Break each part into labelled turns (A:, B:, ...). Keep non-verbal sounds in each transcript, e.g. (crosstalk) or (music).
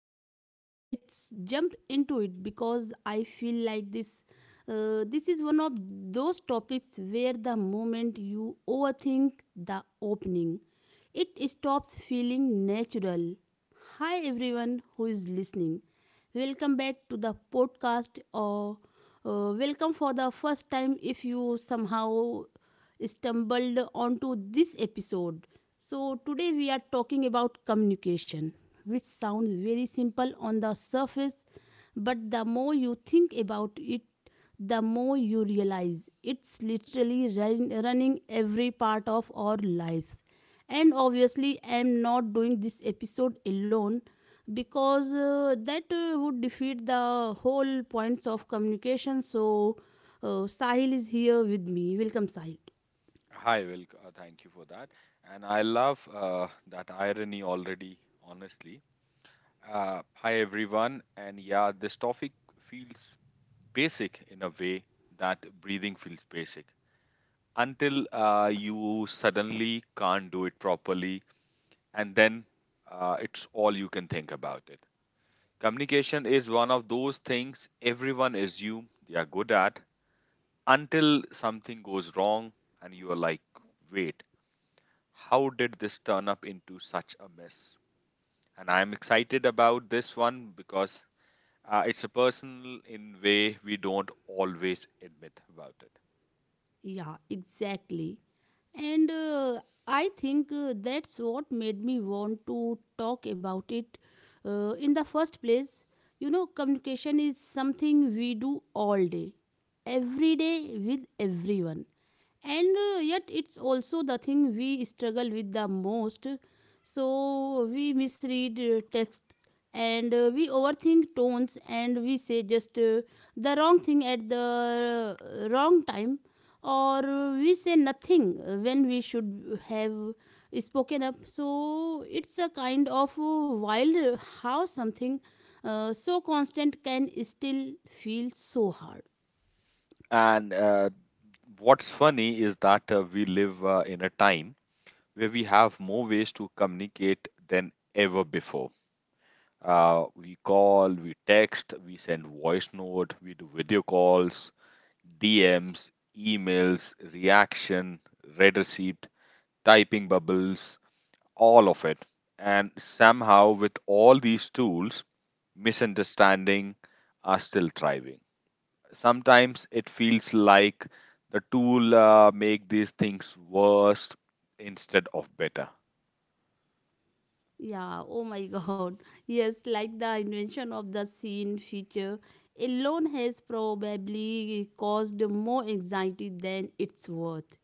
A: Okay, so let's jump into it because I feel like this this is one of those topics where the moment you overthink the opening, it stops feeling natural. Hi everyone who is listening. Welcome back to the podcast or welcome for the first time if you somehow stumbled onto this episode. So, today we are talking about communication, which sounds very simple on the surface, but the more you think about it, the more you realize it's literally running every part of our lives, and obviously I'm not doing this episode alone because that would defeat the whole points of communication, so Sahil is here with me. Welcome, Sahil.
B: Hi, Will. Thank you for that. And I love that irony already, honestly. Hi, everyone. And yeah, this topic feels basic in a way that breathing feels basic until you suddenly can't do it properly, and then it's all you can think about it. Communication is one of those things everyone assume they are good at until something goes wrong and you are like, wait, how did this turn up into such a mess? And I'm excited about this one because it's a personal in way we don't always admit about it.
A: Yeah, exactly. And I think that's what made me want to talk about it in the first place. You know, communication is something we do all day, every day, with everyone, and yet it's also the thing we struggle with the most. So we misread texts, and we overthink tones, and we say just the wrong thing at the wrong time, or we say nothing when we should have spoken up. So it's a kind of wild how something so constant can still feel so hard.
B: And what's funny is that we live in a time where we have more ways to communicate than ever before. We call, we text, we send voice note, we do video calls, DMs, emails, reaction, red receipt, typing bubbles, all of it. And somehow, with all these tools, misunderstanding are still thriving. Sometimes it feels like the tool make these things worse instead of better.
A: Yeah, oh my (laughs) god. Yes, like the invention of the scene feature alone has probably caused more anxiety than it's worth.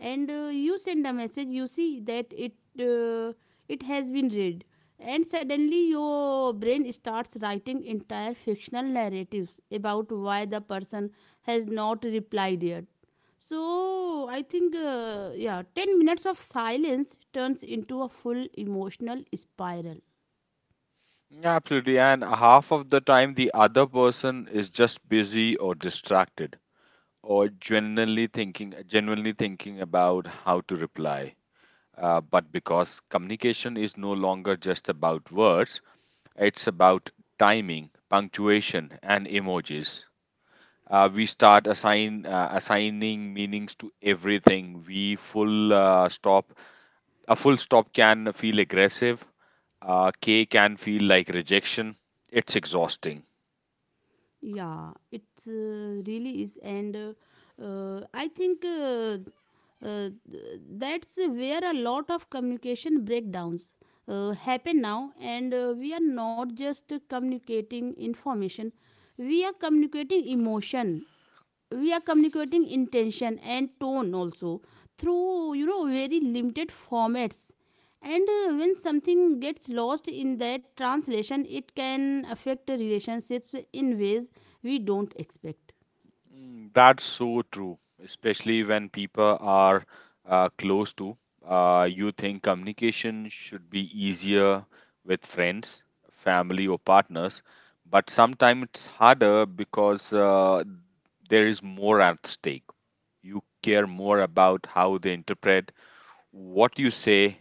A: And you send a message, you see that uh, it has been read, and suddenly your brain starts writing entire fictional narratives about why the person has not replied yet. So I think yeah, 10 minutes of silence turns into a full emotional spiral.
B: Yeah, absolutely. And half of the time, the other person is just busy or distracted or genuinely thinking about how to reply. But because communication is no longer just about words, it's about timing, punctuation, and emojis. We start assigning meanings to everything. We full stop. A full stop can feel aggressive. K can feel like rejection. It's exhausting.
A: Yeah, it really is, and I think that's where a lot of communication breakdowns happen now, and we are not just communicating information, we are communicating emotion, we are communicating intention and tone also, through, you know, very limited formats. And when something gets lost in that translation, it can affect relationships in ways we don't expect.
B: Mm, that's so true, especially when people are close to. You think communication should be easier with friends, family, or partners, but sometimes it's harder because there is more at stake. You care more about how they interpret what you say,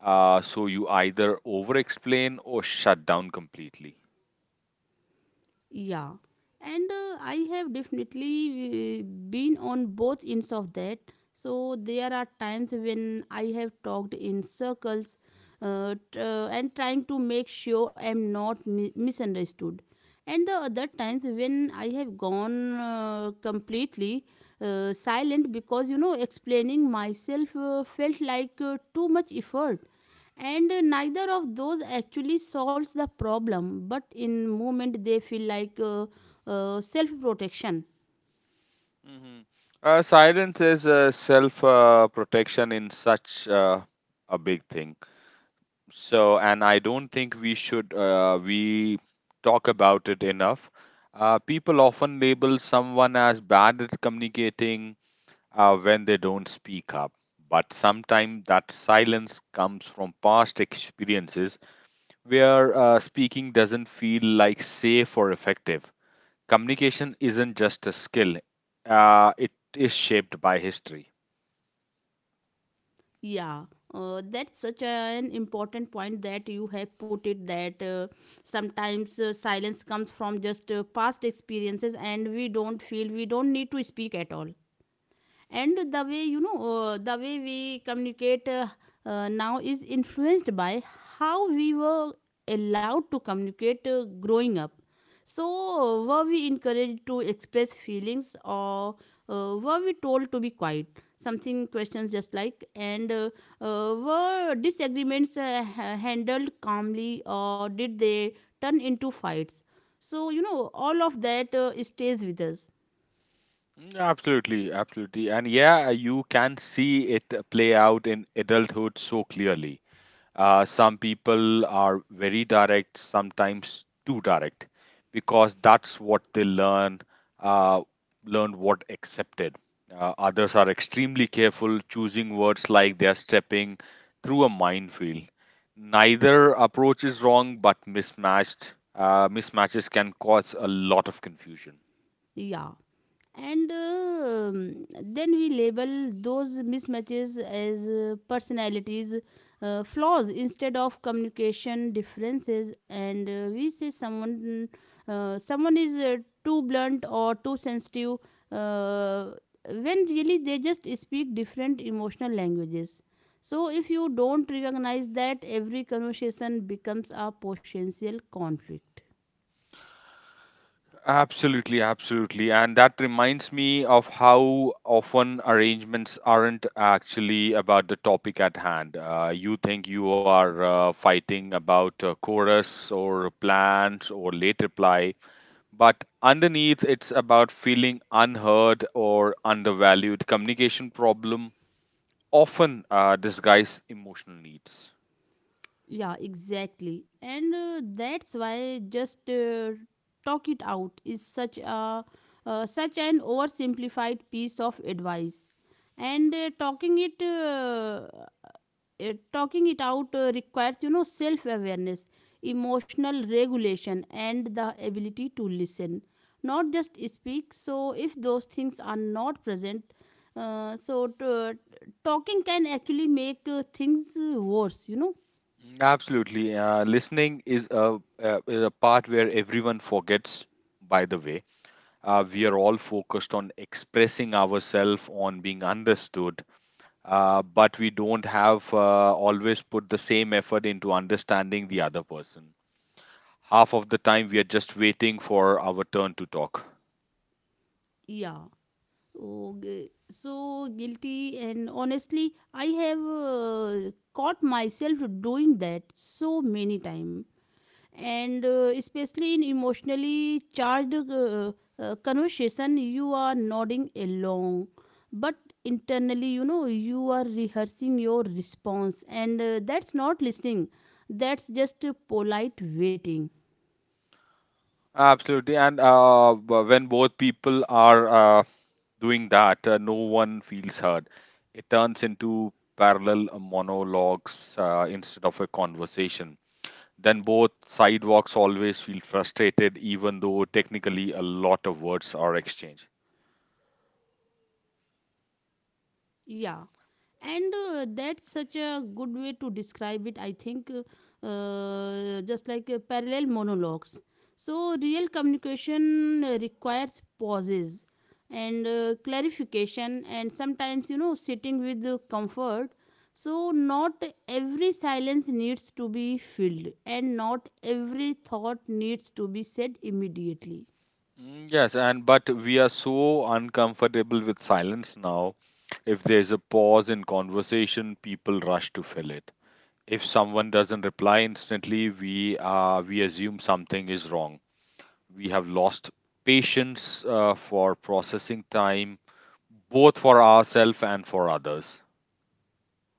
B: so you either over explain or shut down completely.
A: Yeah, and I have definitely been on both ends of that. So there are times when I have talked in circles, and trying to make sure I'm not misunderstood. And the other times when I have gone completely silent because, you know, explaining myself felt like too much effort. And neither of those actually solves the problem, but in moment they feel like self protection.
B: Hmm. Silence is self protection in such uh, a big thing. So, and I don't think we talk about it enough. People often label someone as bad at communicating when they don't speak up. But sometimes that silence comes from past experiences where speaking doesn't feel like safe or effective. Communication isn't just a skill, it is shaped by history.
A: Yeah, that's such an important point that you have put it, that sometimes silence comes from just past experiences and we don't feel we don't need to speak at all. And the way, you know, the way we communicate now is influenced by how we were allowed to communicate growing up. So were we encouraged to express feelings, or were we told to be quiet, something questions just like, and were disagreements handled calmly, or did they turn into fights? So, you know, all of that stays with us.
B: Mm, absolutely, absolutely. And yeah, you can see it play out in adulthood so clearly. Some people are very direct, sometimes too direct, because that's what they learn, uh, learn what accepted. Others are extremely careful, choosing words like they are stepping through a minefield. Neither approach is wrong, but mismatched mismatches can cause a lot of confusion.
A: Yeah, and then we label those mismatches as personalities flaws instead of communication differences. And we say someone is too blunt or too sensitive, uh, when really they just speak different emotional languages. So if you don't recognize that, every conversation becomes a potential conflict.
B: Absolutely, absolutely. And that reminds me of how often arrangements aren't actually about the topic at hand. You think you are fighting about a chorus or plans or late reply, but underneath it's about feeling unheard or undervalued. Communication problem often disguise emotional needs.
A: Yeah, exactly. And that's why just talk it out is such a such an oversimplified piece of advice. And talking it out requires, you know, self-awareness, emotional regulation and the ability to listen, not just speak. So if those things are not present, talking can actually make things worse, you know.
B: Mm, absolutely. Listening is is a part where everyone forgets, by the way. We are all focused on expressing ourselves, on being understood, but we don't have always put the same effort into understanding the other person. Half of the time, we are just waiting for our turn to talk.
A: Yeah. Okay, so guilty, and honestly, I have caught myself doing that so many times, and especially in emotionally charged conversation, you are nodding along, but internally, you know, you are rehearsing your response, and that's not listening, that's just polite waiting.
B: Absolutely, and when both people are doing that, no one feels heard. It turns into parallel monologues instead of a conversation. Then both sidewalks always feel frustrated, even though technically a lot of words are exchanged.
A: Yeah. And that's such a good way to describe it, I think, just like parallel monologues. So real communication requires pauses and clarification, and sometimes, you know, sitting with comfort. So not every silence needs to be filled, and not every thought needs to be said immediately.
B: Mm, yes, and but we are so uncomfortable with silence now. If there's a pause in conversation, people rush to fill it. If someone doesn't reply instantly, we assume something is wrong. We have lost patience for processing time, both for ourselves and for others.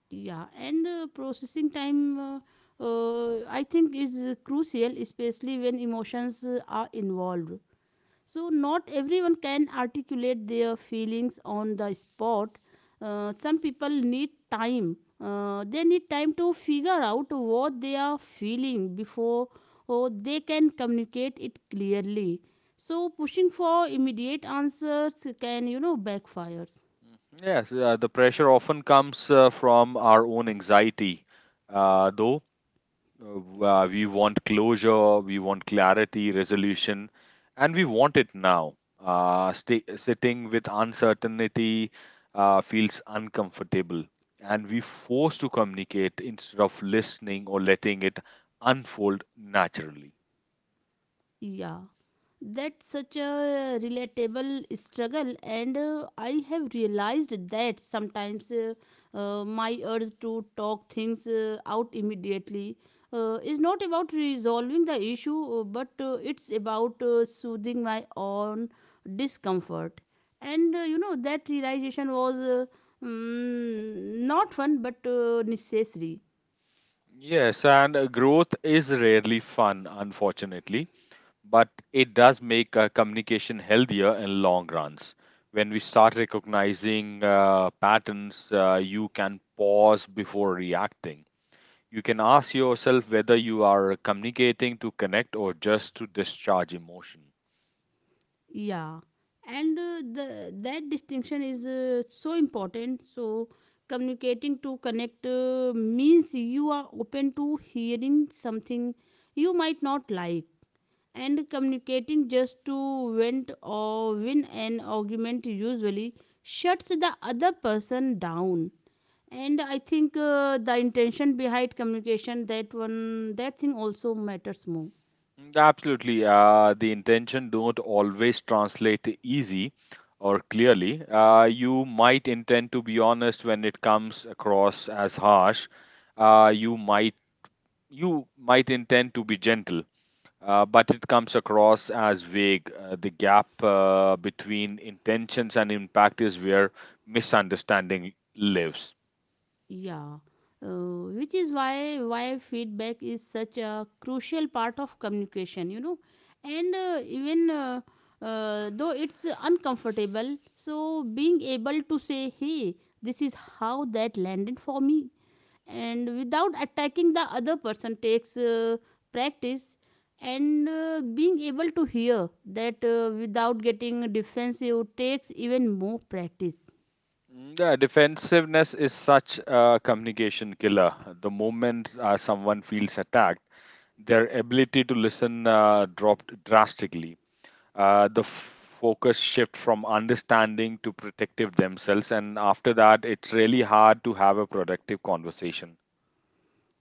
A: Yeah, and processing time I think is crucial, especially when emotions are involved. So not everyone can articulate their feelings on the spot. Some people need time, they need time to figure out what they are feeling before, oh, they can communicate it clearly. So pushing for immediate answers can, you know, backfire.
B: Yes, the pressure often comes from our own anxiety, though. We want closure, we want clarity, resolution, and we want it now. Sitting with uncertainty feels uncomfortable, and we force to communicate instead of listening or letting it unfold naturally.
A: Yeah. That's such a relatable struggle, and I have realized that sometimes my urge to talk things out immediately is not about resolving the issue, but it's about soothing my own discomfort. And you know, that realization was mm, not fun but necessary.
B: Yes, and growth is rarely fun, unfortunately, but it does make communication healthier in long runs when we start recognizing patterns. You can pause before reacting. You can ask yourself whether you are communicating to connect or just to discharge emotion.
A: Yeah, and the that distinction is so important. So communicating to connect means you are open to hearing something you might not like, and communicating just to vent or win an argument usually shuts the other person down. And I think the intention behind communication, that one that thing, also matters more.
B: Mm, absolutely. The intention don't always translate easy or clearly. You might intend to be honest when it comes across as harsh. uh, you might you might intend to be gentle but it comes across as vague. The gap between intentions and impact is where misunderstanding lives.
A: Yeah, which is why feedback is such a crucial part of communication, you know, and even though it's uncomfortable, so being able to say, "Hey, this is how that landed for me," and without attacking the other person takes practice, and being able to hear that without getting defensive takes even more practice.
B: Mm, yeah, defensiveness is such a communication killer. The moment someone feels attacked, their ability to listen dropped drastically. The focus shift from understanding to protective themselves, and after that, it's really hard to have a productive conversation.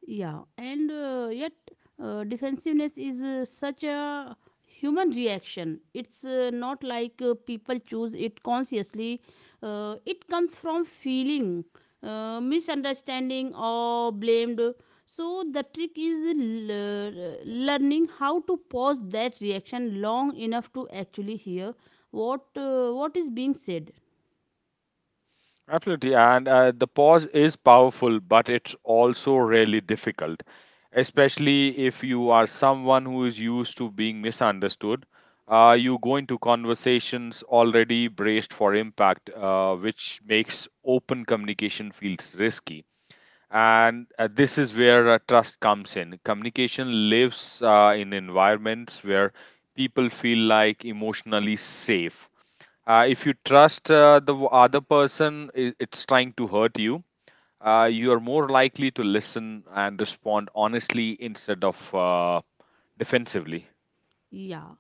A: Yeah, and yet defensiveness is such a human reaction. It's not like people choose it consciously, it comes from feeling, misunderstanding, or blamed. So, the trick is learning how to pause that reaction long enough to actually hear what is being said.
B: Absolutely, and the pause is powerful, but it's also really difficult, especially if you are someone who is used to being misunderstood. You go into conversations already braced for impact, which makes open communication feels risky. And this is where trust comes in. Communication lives in environments where people feel like emotionally safe. If you trust the other person, it's trying to hurt you. You are more likely to listen and respond honestly instead of defensively.
A: Yeah.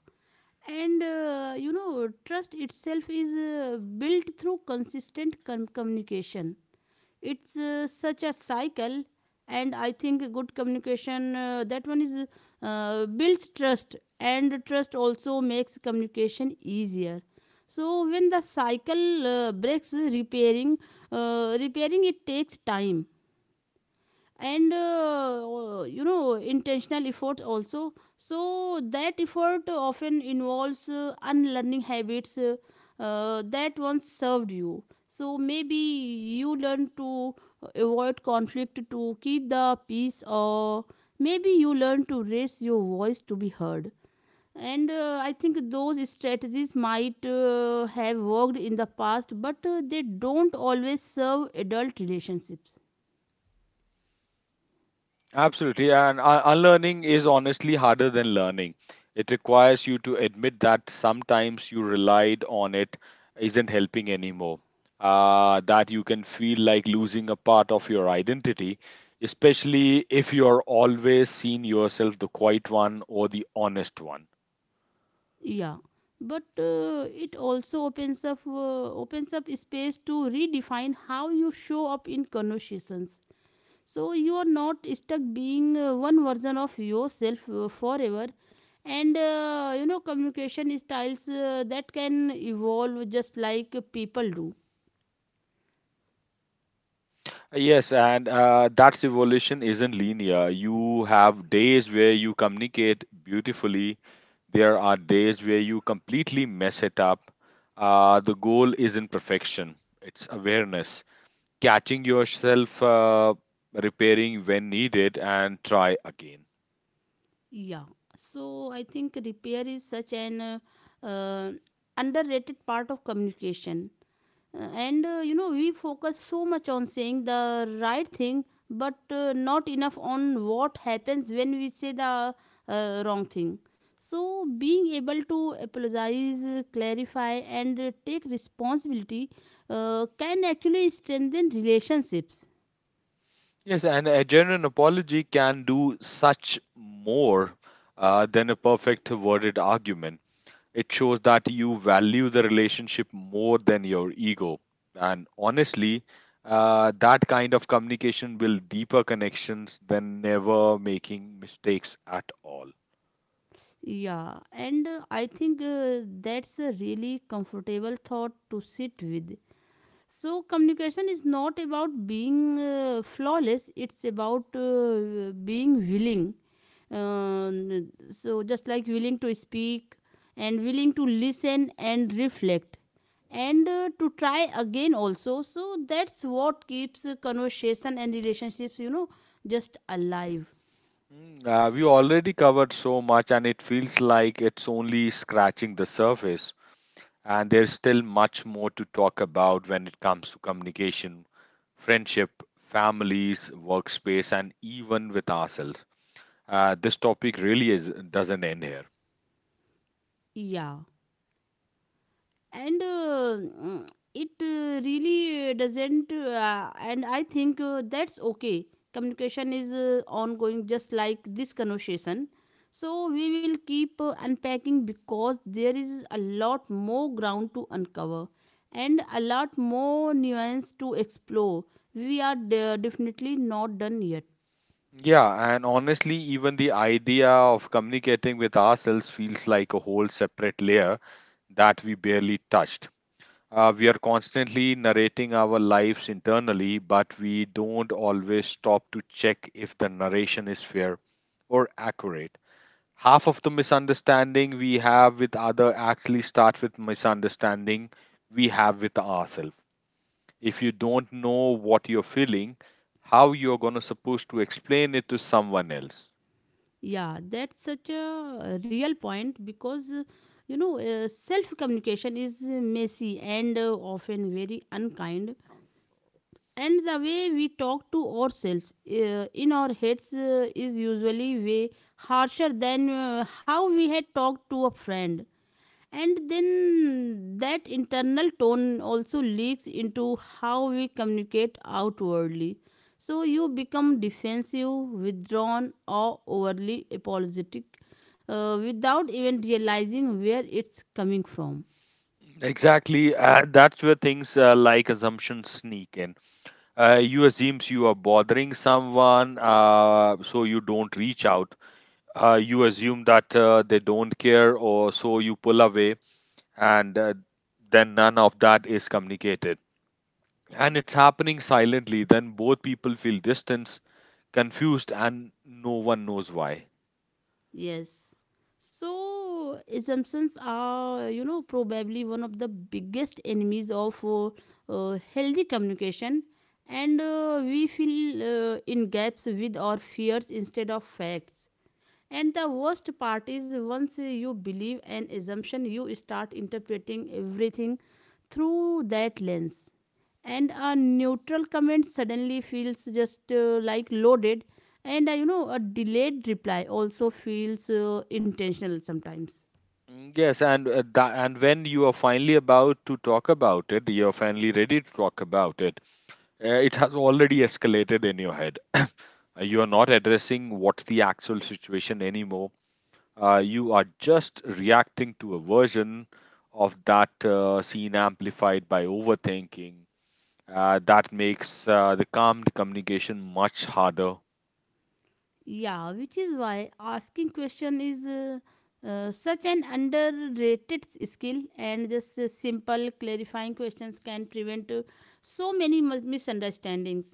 A: And you know, trust itself is built through consistent communication. It's such a cycle, and I think a good communication, that one, is builds trust, and trust also makes communication easier. So when the cycle breaks, repairing it takes time, and you know, intentional effort also. So that effort often involves unlearning habits that once served you. So maybe you learn to avoid conflict to keep the peace, or maybe you learn to raise your voice to be heard. And I think those strategies might have worked in the past, but they don't always serve adult relationships.
B: Absolutely, and unlearning is honestly harder than learning. It requires you to admit that sometimes you relied on it isn't helping anymore. That you can feel like losing a part of your identity, especially if you are always seen yourself the quiet one or the honest one.
A: Yeah, but it also opens up space to redefine how you show up in conversations. So you are not stuck being one version of yourself forever, and you know, communication styles that can evolve just like people do.
B: Yes, and that's evolution isn't linear. You have days where you communicate beautifully. There are days where you completely mess it up. The goal isn't perfection, it's awareness. Catching yourself, repairing when needed, and try again.
A: Yeah, so I think repair is such an uh, underrated part of communication. And you know, we focus so much on saying the right thing, but not enough on what happens when we say the wrong thing. So being able to apologize, clarify, and take responsibility can actually strengthen relationships.
B: Yes, and a genuine apology can do such more than a perfect worded argument. It shows that you value the relationship more than your ego. And honestly, that kind of communication builds deeper connections than never making mistakes at all.
A: Yeah, and I think that's a really comfortable thought to sit with. So, communication is not about being flawless, it's about being willing. So, just like willing to speak and willing to listen and reflect and to try again also. So, that's what keeps conversation and relationships, you know, just alive.
B: Mm, we already covered so much, and it feels like it's only scratching the surface. And there's still much more to talk about when it comes to communication, friendship, families, workspace, and even with ourselves. This topic really is, doesn't end here.
A: Yeah. And it really doesn't, and I think that's okay. Communication is ongoing, just like this conversation. So we will keep unpacking, because there is a lot more ground to uncover and a lot more nuance to explore. We are definitely not done yet.
B: Yeah, and honestly, even the idea of communicating with ourselves feels like a whole separate layer that we barely touched. We are constantly narrating our lives internally, but we don't always stop to check if the narration is fair or accurate. Half of the misunderstanding we have with other actually start with misunderstanding we have with ourselves. If you don't know what you're feeling, how you're going to supposed to explain it to someone else?
A: Yeah, that's such a real point, because you know, self communication is messy and often very unkind, and the way we talk to ourselves in our heads is usually way harsher than how we had talked to a friend. And then that internal tone also leaks into how we communicate outwardly, so you become defensive, withdrawn, or overly apologetic without even realizing where it's coming from.
B: Exactly. That's where things like assumptions sneak in. You assumes you are bothering someone, so you don't reach out. You assume that they don't care or so you pull away, and then none of that is communicated, and it's happening silently. Then both people feel distance, confused, and no one knows why.
A: Yes. So, assumptions are, you know, probably one of the biggest enemies of healthy communication, and we fill in gaps with our fears instead of facts. And the worst part is, once you believe an assumption, you start interpreting everything through that lens. And a neutral comment suddenly feels just like loaded, and a delayed reply also feels intentional sometimes.
B: Mm, yes, and when you are finally about to talk about it, you are finally ready to talk about it. It has already escalated in your head. You are not addressing what's the actual situation anymore. You are just reacting to a version of that scene amplified by overthinking. That makes the calm communication much harder.
A: Yeah, which is why asking question is such an underrated skill, and just simple clarifying questions can prevent so many misunderstandings.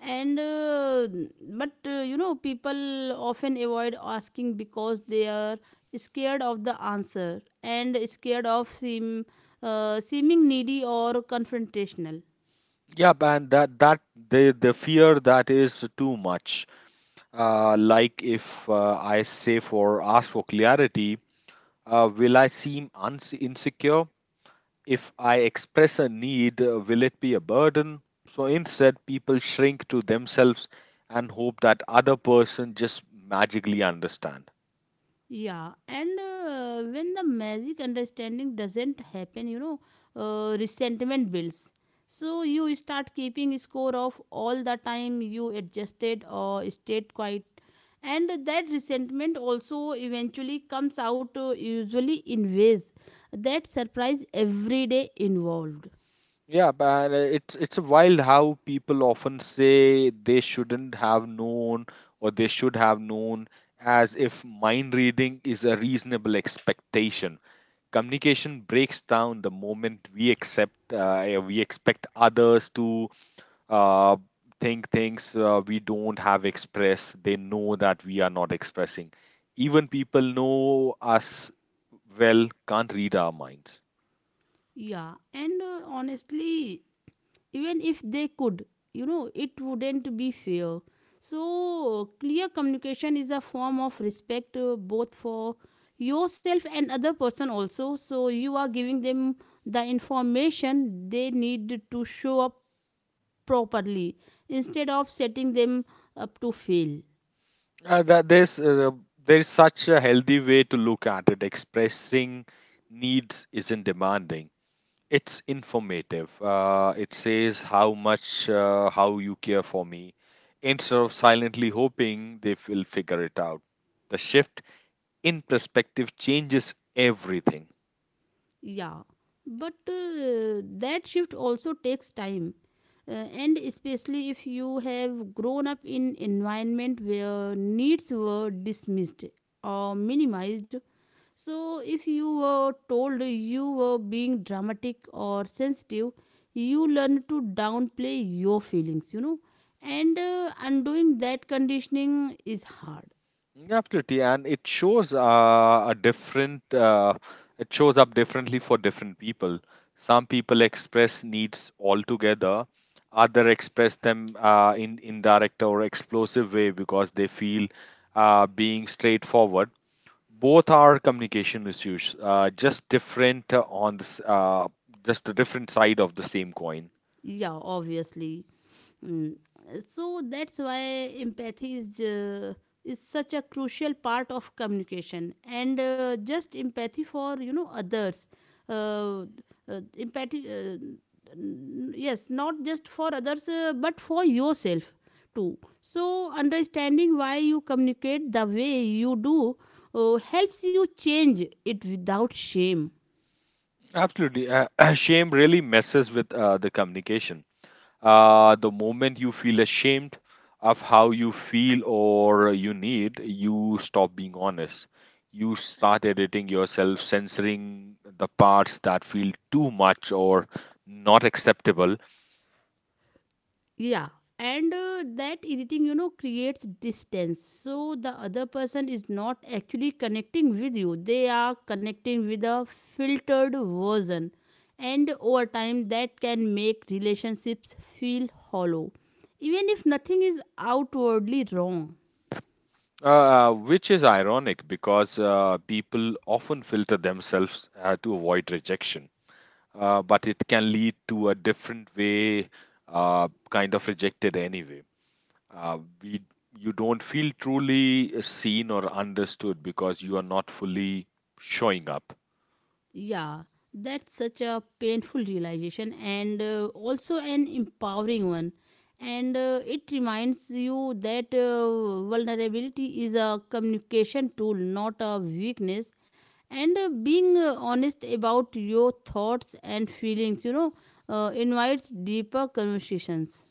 A: And but you know, People often avoid asking because they are scared of the answer and scared of seeming needy or confrontational.
B: Yeah, man, that the fear that is too much. Like if I say for ask for clarity, will I seem uns insecure? If I express a need, will it be a burden? So instead, people shrink to themselves and hope that other person just magically understand.
A: Yeah, and when the magic understanding doesn't happen, you know, resentment builds. So you start keeping score of all the time you adjusted or stayed quiet, and that resentment also eventually comes out usually in ways that surprise everyday involved.
B: Yeah, but it's wild how people often say they shouldn't have known or they should have known, as if mind reading is a reasonable expectation. Communication breaks down the moment we expect others to uh, think things we don't have expressed, they know that we are not expressing. Even people know us well can't read our minds.
A: Yeah, and honestly, even if they could, you know, it wouldn't be fair. So clear communication is a form of respect, both for yourself and other person also. So you are giving them the information they need to show up properly, instead of setting them up to fail.
B: That there's There's such a healthy way to look at it. Expressing needs isn't demanding, it's informative. It says how you care for me, instead of silently hoping they will figure it out. The shift in perspective changes everything.
A: Yeah, but that shift also takes time. And especially if you have grown up in environment where needs were dismissed or minimized. So if you were told you were being dramatic or sensitive, you learn to downplay your feelings, you know, and undoing that conditioning is hard.
B: Absolutely, and it shows a different. It shows up differently for different people. Some people express needs altogether. Other express them in indirect or explosive way because they feel being straightforward, both are communication issues, just different on this just the different side of the same coin.
A: Yeah, obviously. Mm, so that's why empathy is such a crucial part of communication, and just empathy for, you know, others uh, uh, empathy uh, yes, not just for others, but for yourself too. So understanding why you communicate the way you do helps you change it without shame.
B: Absolutely (clears throat) Shame really messes with the communication. The moment you feel ashamed of how you feel or you need, you stop being honest. You start editing yourself, censoring the parts that feel too much or not acceptable.
A: Yeah, and that irritating, you know, creates distance. So the other person is not actually connecting with you, they are connecting with a filtered version. And over time, that can make relationships feel hollow, even if nothing is outwardly wrong.
B: Which is ironic because people often filter themselves to avoid rejection, but it can lead to a different way, kind of rejected anyway. Uh, we, you don't feel truly seen or understood because you are not fully showing up.
A: Yeah, that's such a painful realization and also an empowering one. And it reminds you that vulnerability is a communication tool, not a weakness. And being honest about your thoughts and feelings, you know, invites deeper conversations.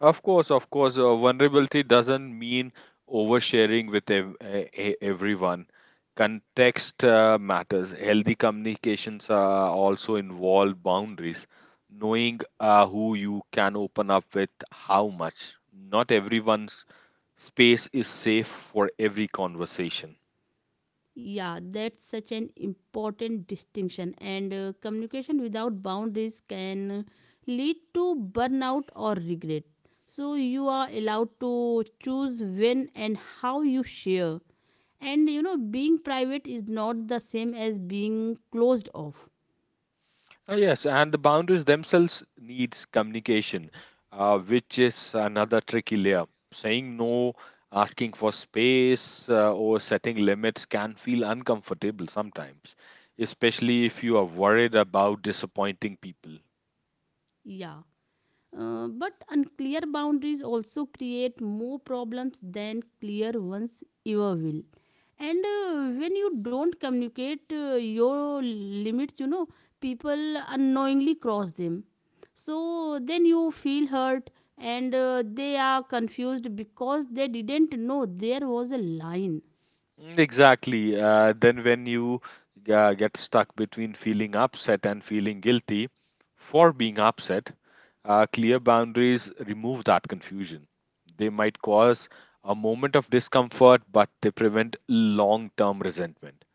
B: Of course, vulnerability doesn't mean oversharing with everyone. Context matters. Healthy communications also involve boundaries, knowing who you can open up with, how much. Not everyone's space is safe for every conversation.
A: Yeah, that's such an important distinction. And communication without boundaries can lead to burnout or regret. So, you are allowed to choose when and how you share. And, you know, being private is not the same as being closed off.
B: Yes, and the boundaries themselves needs communication, which is another tricky layer. Saying no, asking for space, or setting limits can feel uncomfortable sometimes, especially if you are worried about disappointing people.
A: Yeah. But unclear boundaries also create more problems than clear ones ever will. And when you don't communicate your limits, you know, people unknowingly cross them. So then you feel hurt, and they are confused because they didn't know there was a line.
B: Mm, exactly. Then, when you get stuck between feeling upset and feeling guilty for being upset, clear boundaries remove that confusion. They might cause a moment of discomfort, but they prevent long term resentment.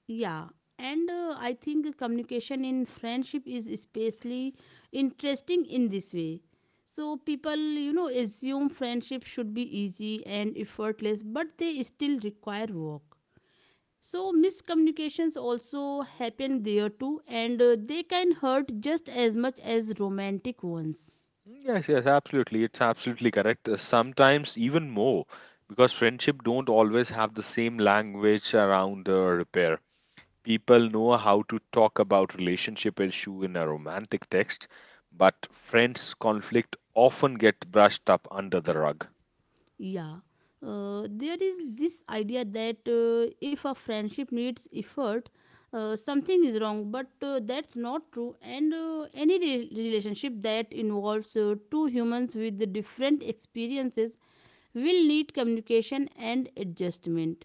A: Yeah, and I think communication in friendship is especially interesting in this way. So people, you know, assume friendship should be easy and effortless, but they still require work. So miscommunications also happen there too, and they can hurt just as much as romantic ones.
B: Mm, yes, yes, absolutely. It's absolutely correct. Sometimes even more, because friendship don't always have the same language around repair. People know how to talk about relationship issue in a romantic text, but friends conflict often get brushed up under the rug.
A: Yeah. There is this idea that if a friendship needs effort, something is wrong, but that's not true. And any relationship that involves two humans with different experiences will need communication and adjustment.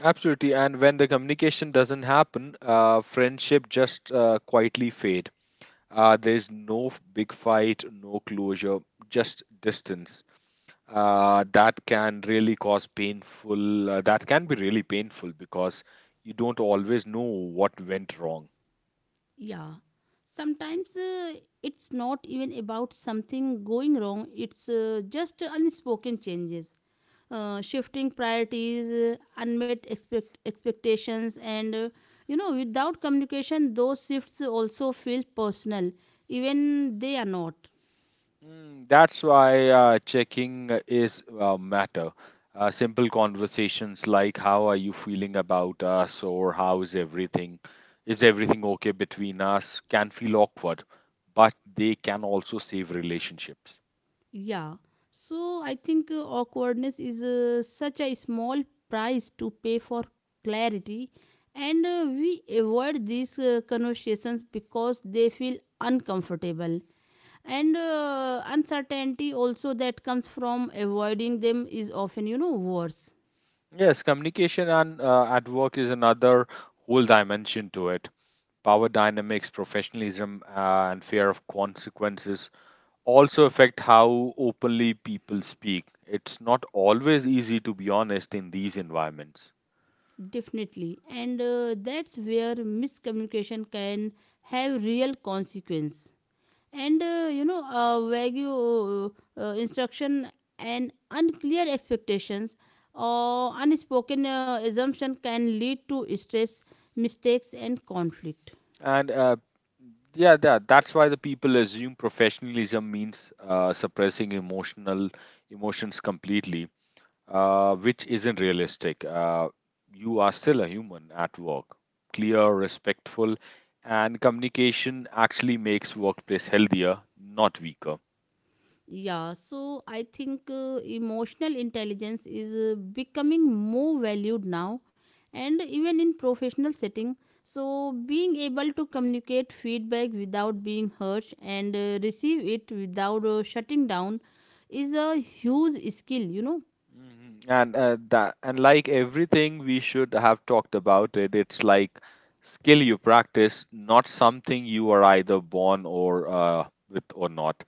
B: Absolutely, and when the communication doesn't happen, friendship just quietly fade. There's no big fight, no closure, just distance. That can be really painful because you don't always know what went wrong.
A: Yeah. Sometimes, it's not even about something going wrong, it's just unspoken changes. Shifting priorities, unmet expectations, and you know, without communication, those shifts also feel personal, even they are not.
B: Mm, that's why checking is matter. Simple conversations like how are you feeling about us, or is everything okay between us, can feel awkward, but they can also save relationships.
A: Yeah. So I think awkwardness is such a small price to pay for clarity, and we avoid these conversations because they feel uncomfortable, and uncertainty also that comes from avoiding them is often, you know, worse.
B: Yes, communication and at work is another whole dimension to it. Power dynamics, professionalism, and fear of consequences also affect how openly people speak. It's not always easy to be honest in these environments.
A: Definitely. And that's where miscommunication can have real consequence. And you know, vague instruction and unclear expectations or unspoken assumption can lead to stress, mistakes, and conflict.
B: And uh, that's why the people assume professionalism means suppressing emotional emotions completely, which isn't realistic. You are still a human at work. Clear, respectful, and communication actually makes workplace healthier, not weaker.
A: Yeah, so I think emotional intelligence is becoming more valued now, and even in professional setting. So being able to communicate feedback without being harsh, and receive it without shutting down is a huge skill, you know.
B: Mhm. And like everything we should have talked about it, it's like skill you practice, not something you are either born or with or not.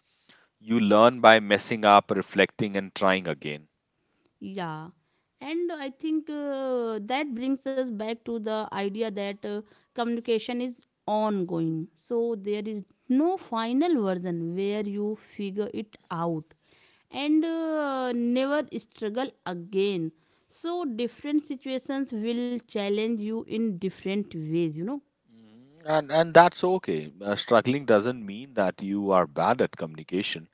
B: You learn by messing up, reflecting, and trying again.
A: Yeah, and I think that brings us back to the idea that communication is ongoing. So there is no final version where you figure it out and never struggle again. So different situations will challenge you in different ways, you know.
B: Mhm. And that's okay. Struggling doesn't mean that you are bad at communication.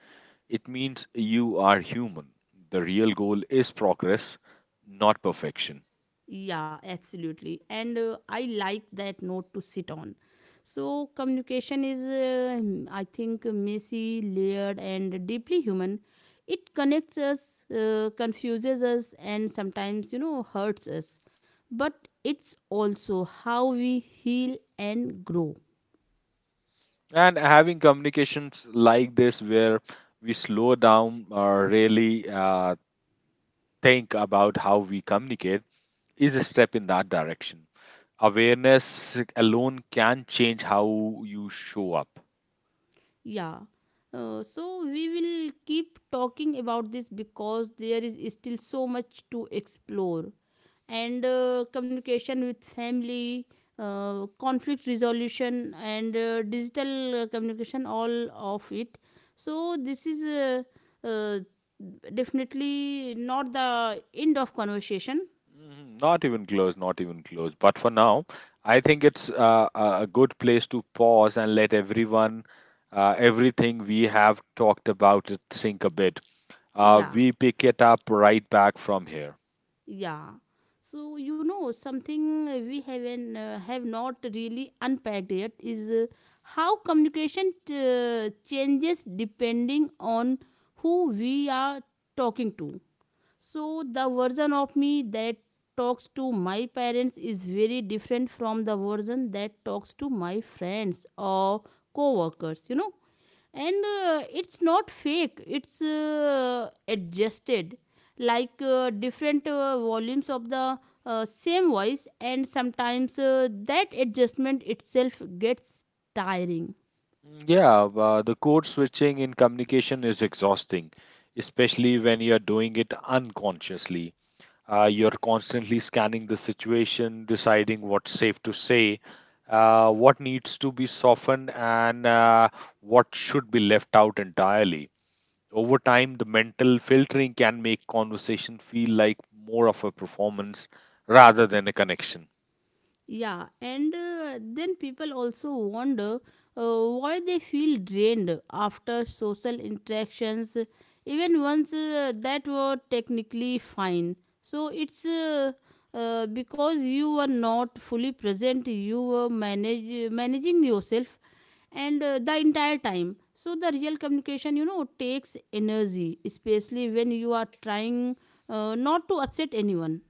B: It means you are human. The real goal is progress, not perfection.
A: Yeah, absolutely. And I like that note to sit on. So, communication is, I think, messy, layered, and deeply human. It connects us, confuses us, and sometimes, you know, hurts us. But it's also how we heal and grow.
B: And having communications like this, where we slow down or really think about how we communicate, is a step in that direction. Awareness alone can change how you show up.
A: Yeah. So, we will keep talking about this because there is still so much to explore. And communication with family, conflict resolution, and digital communication, all of it. So this is, uh, definitely not the end of conversation.
B: Mhm, not even close, not even close. But for now, I think it's a good place to pause and let everything we have talked about, it sink a bit.
A: Yeah,
B: We pick it up right back from here.
A: yeah, so, you know, something we have not really unpacked yet is how communication changes depending on who we are talking to. So the version of me that talks to my parents is very different from the version that talks to my friends or co-workers, you know. And it's not fake, it's adjusted, like different volumes of the same voice, and sometimes that adjustment itself gets tiring.
B: Mm, yeah, the code switching in communication is exhausting, especially when you're doing it unconsciously. You're constantly scanning the situation, deciding what's safe to say, what needs to be softened, and what should be left out entirely. Over time, the mental filtering can make conversation feel like more of a performance rather than a connection.
A: Yeah, and then people also wonder why they feel drained after social interactions, even ones that were technically fine. So it's, because you were not fully present, you were managing yourself and the entire time. So the real communication, you know, takes energy, especially when you are trying not to upset anyone.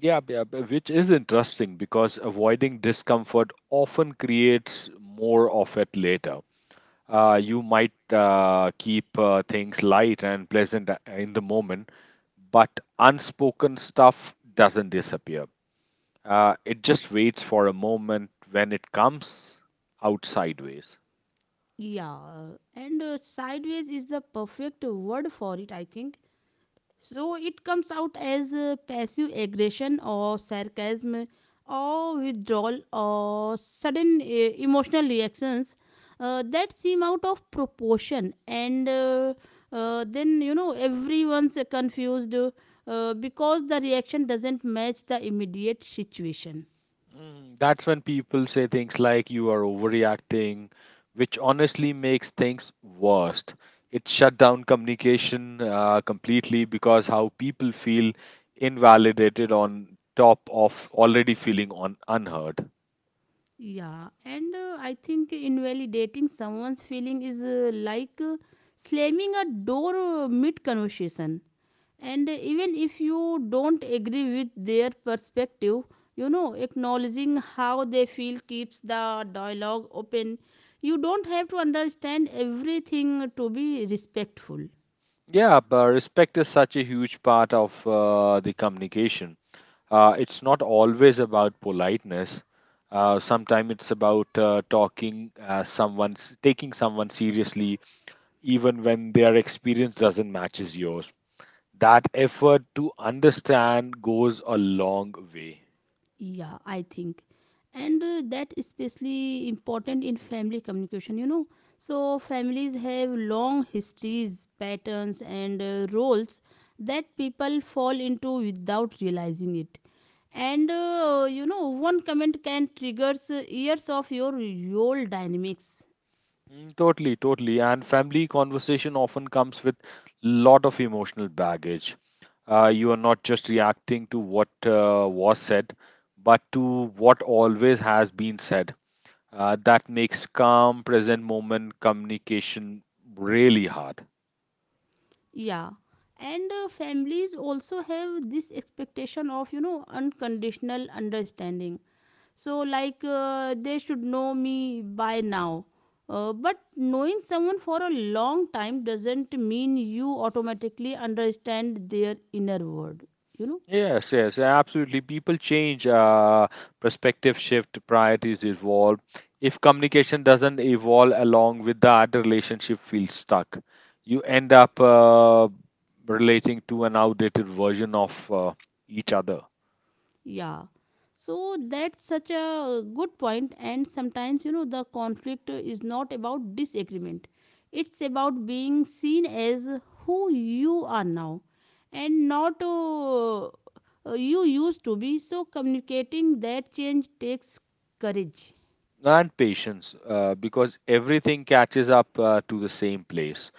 B: Yeah, yeah, which is interesting because avoiding discomfort often creates more of it later. You might keep things light and pleasant in the moment, but unspoken stuff doesn't disappear. It just waits for a moment when it comes out sideways.
A: Yeah, and sideways is the perfect word for it, I think. So it comes out as passive aggression or sarcasm or withdrawal or sudden emotional reactions that seem out of proportion. And then, you know, everyone's confused because the reaction doesn't match the immediate situation.
B: Mm, that's when people say things like you are overreacting, which honestly makes things worst. It shut down communication completely because how people feel invalidated on top of already feeling on unheard.
A: Yeah, and I think invalidating someone's feeling is like slamming a door mid conversation. And even if you don't agree with their perspective, you know, acknowledging how they feel keeps the dialogue open. You don't have to understand everything to be respectful.
B: Yeah, but respect is such a huge part of the communication. It's not always about politeness. Sometimes it's about talking someone's taking someone seriously even when their experience doesn't matches yours. That effort to understand goes a long way.
A: Yeah, I think, and that especially important in family communication, you know. So families have long histories, patterns, and roles that people fall into without realizing it. And, you know, one comment can triggers years of your old dynamics.
B: Mm, totally, totally. And family conversation often comes with lot of emotional baggage. You are not just reacting to what was said, but to what always has been said. That makes calm, present moment communication really hard.
A: Yeah, and families also have this expectation of, you know, unconditional understanding. So like, they should know me by now. But knowing someone for a long time doesn't mean you automatically understand their inner world, you know.
B: Yes, yes, absolutely. People change, perspective shift, priorities evolve. If communication doesn't evolve along with that, the relationship feels stuck. You end up relating to an outdated version of each other.
A: Yeah, so that's such a good point. And sometimes, you know, the conflict is not about disagreement, it's about being seen as who you are now, and not you used to be. So communicating that change takes courage.
B: And patience because everything catches up to the same place.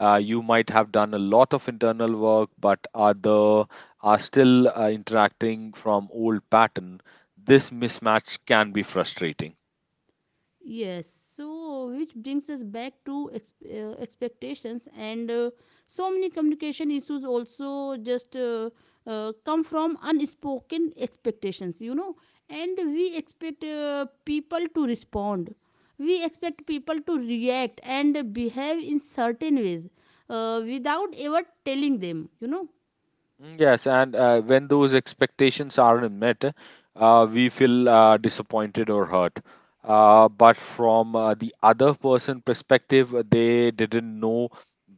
B: You might have done a lot of internal work, but other are still interacting from old pattern. This mismatch can be frustrating.
A: Yes, so which brings us back to expectations, and so many communication issues also just come from unspoken expectations, you know. And we expect people to respond, we expect people to react and behave in certain ways without ever telling them, you know.
B: Mm, yes, and when those expectations aren't met, we feel disappointed or hurt, but from the other person perspective they didn't know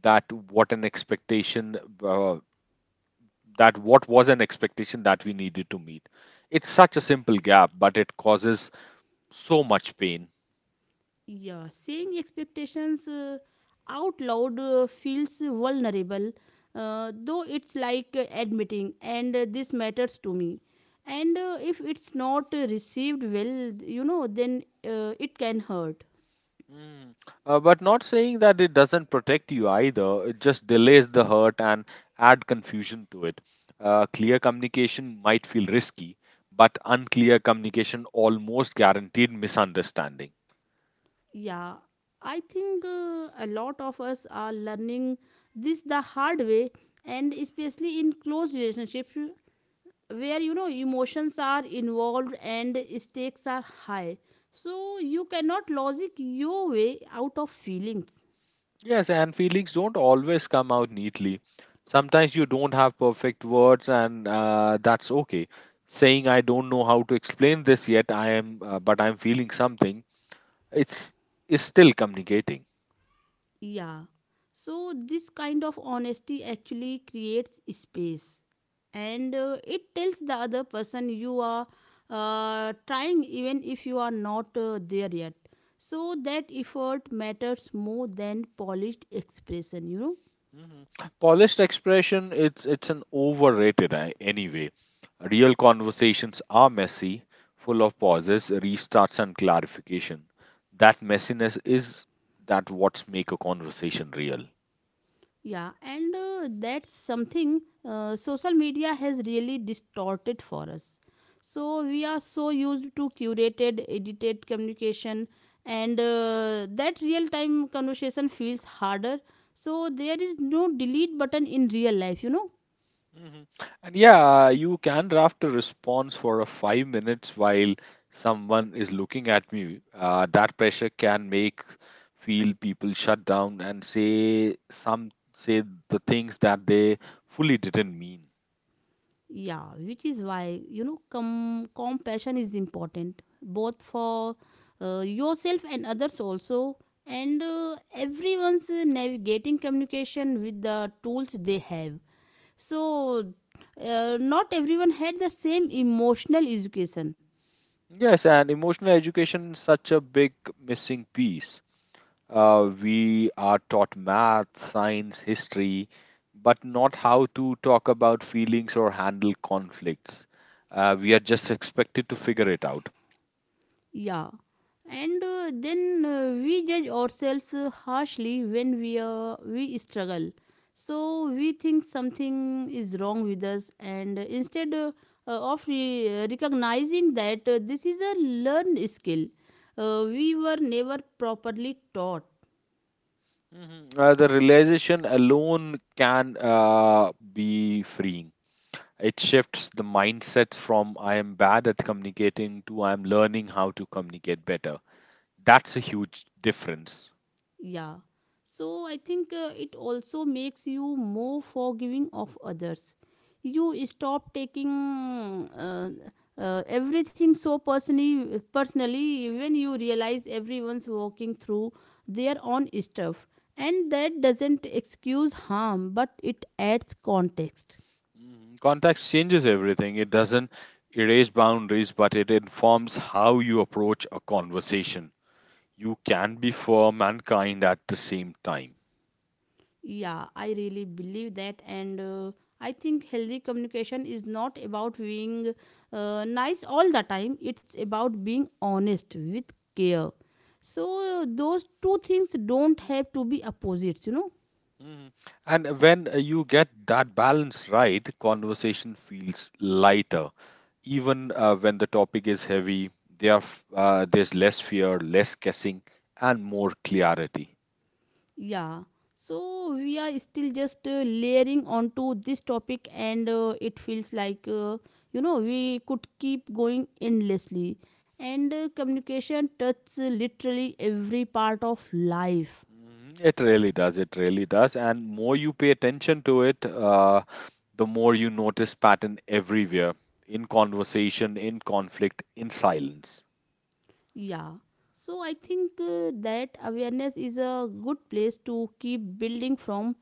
B: that what an expectation uh, that what was an expectation that we needed to meet. It's such a simple gap, but it causes so much pain.
A: Yeah, saying expectations out loud feels vulnerable, though it's like admitting, and this matters to me. And if it's not received well, you know, then it can hurt.
B: Mm. But not saying that it doesn't protect you either, it just delays the hurt and add confusion to it. Clear communication might feel risky, but unclear communication almost guaranteed misunderstanding.
A: Yeah, I think a lot of us are learning this the hard way, and especially in close relationships, where, you know, emotions are involved and stakes are high, so you cannot logic your way out of feelings.
B: Yes, and feelings don't always come out neatly. Sometimes you don't have perfect words, and that's okay. Saying I don't know how to explain this yet, but I'm feeling something. It's Is still communicating.
A: Yeah, so this kind of honesty actually creates space, and it tells the other person you are trying, even if you are not there yet. So that effort matters more than polished expression, you know.
B: Mhm. Polished expression, it's an overrated anyway. Real conversations are messy, full of pauses, restarts, and clarification. That messiness is that what's make a conversation real.
A: Yeah, and that's something social media has really distorted for us. So we are so used to curated, edited communication, and that real time conversation feels harder. So there is no delete button in real life, you know.
B: Mhm. And yeah, you can draft a response for a 5 minutes while someone is looking at me. That pressure can make feel people shut down and say the things that they fully didn't mean.
A: Yeah, which is why, you know, compassion is important both for yourself and others also. And everyone's navigating communication with the tools they have. So, not everyone had the same emotional education.
B: Yes, and emotional education is such a big missing piece. We are taught math, science, history, but not how to talk about feelings or handle conflicts. We are just expected to figure it out.
A: Yeah. And then we judge ourselves harshly when we struggle. So we think something is wrong with us, and instead of recognizing that this is a learned skill, we were never properly taught.
B: Mhm. The realization alone can be freeing. It shifts the mindset from I am bad at communicating to I am learning how to communicate better. That's a huge difference.
A: Yeah. So I think it also makes you more forgiving of others. You stop taking, everything so personally when you realize everyone's walking through their own stuff. And that doesn't excuse harm, but it adds context.
B: Mhm. Context changes everything. It doesn't erase boundaries, but it informs how you approach a conversation. You can be firm and kind at the same time.
A: Yeah, I really believe that, and I think healthy communication is not about being nice all the time, it's about being honest with care. So, those two things don't have to be opposites, you know.
B: Mhm. And when you get that balance right, conversation feels lighter. Even when the topic is heavy, there's less fear, less guessing, and more clarity.
A: Yeah, so we are still just layering onto this topic, and it feels like, you know, we could keep going endlessly. And communication touches literally every part of life.
B: Mhm. It really does. It really does. And more you pay attention to it, the more you notice pattern everywhere, in conversation, in conflict, in silence.
A: Yeah. So I think that awareness is a good place to keep building from.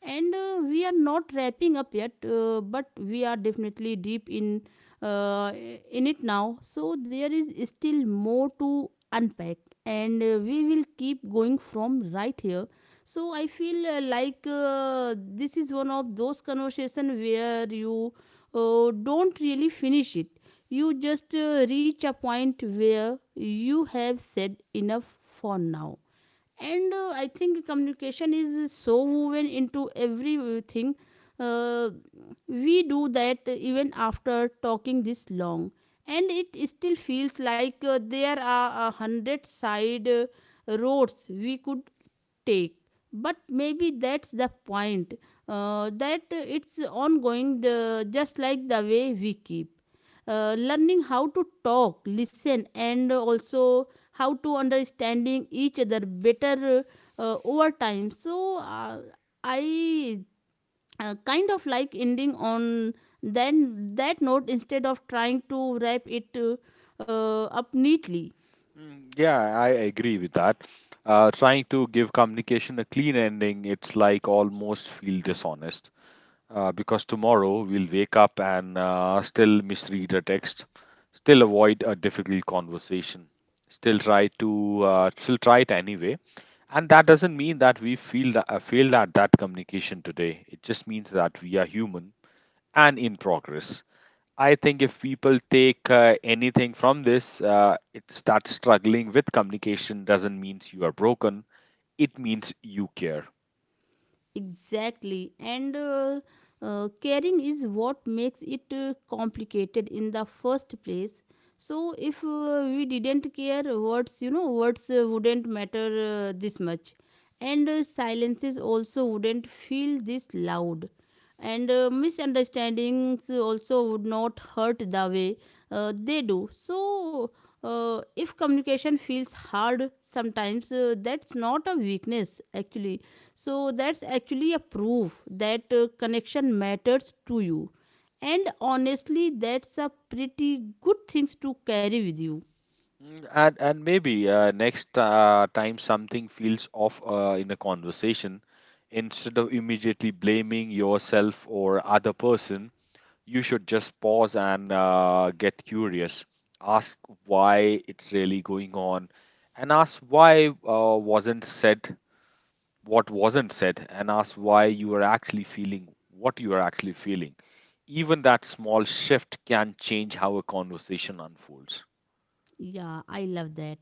A: And we are not wrapping up yet, but we are definitely deep in, uh, in it now. So there is still more to unpack, and we will keep going from right here. So I feel like this is one of those conversations where you don't really finish it, you just reach a point where you have said enough for now. And I think communication is so woven into everything. Uh, we do that even after talking this long. And it still feels like there are a hundred side roads we could take. But maybe that's the point, that it's ongoing, the, just like the way we keep learning how to talk, listen, and also how to understanding each other better over time. So, I kind of like ending on then that note, instead of trying to wrap it, up neatly.
B: Mm, yeah, I agree with that. Trying to give communication a clean ending, it's like almost feel dishonest because tomorrow we'll wake up and still misread a text, still avoid a difficult conversation, still try it anyway. And that doesn't mean that we feel that failed at that communication today. It just means that we are human and in progress. I think if people take anything from this, it's that struggling with communication doesn't mean you are broken. It means you care.
A: Exactly. And caring is what makes it complicated in the first place. So if we didn't care, words, you know, words wouldn't matter this much. And silences also wouldn't feel this loud. And misunderstandings also would not hurt the way they do. So if communication feels hard sometimes, that's not a weakness actually. So that's actually a proof that connection matters to you. And honestly, that's a pretty good things to carry with you.
B: Mm, and maybe next time something feels off in a conversation, instead of immediately blaming yourself or other person, you should just pause and get curious. Ask why it's really going on, and ask why wasn't said what wasn't said, and ask why you are actually feeling what you are actually feeling. Even that small shift can change how a conversation unfolds.
A: Yeah, I love that.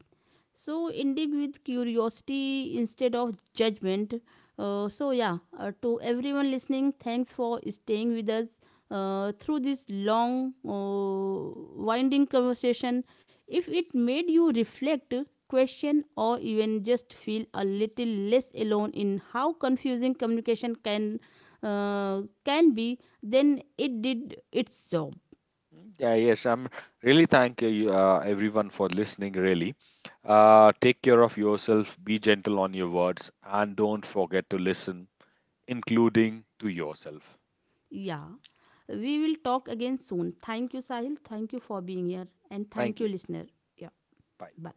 A: So, ending with curiosity instead of judgment. So, yeah, to everyone listening, thanks for staying with us through this long, winding conversation. If it made you reflect, question, or even just feel a little less alone in how confusing communication can be, then it did its job.
B: Mm, Yeah, yes, I'm Really thank you, everyone for listening. Really, take care of yourself, be gentle on your words, and don't forget to listen, including to yourself.
A: Yeah. We will talk again soon. Thank you, Sahil. Thank you for being here. And thank
B: Thank
A: you,
B: you.
A: listener. Yeah.
B: Bye.
A: Bye.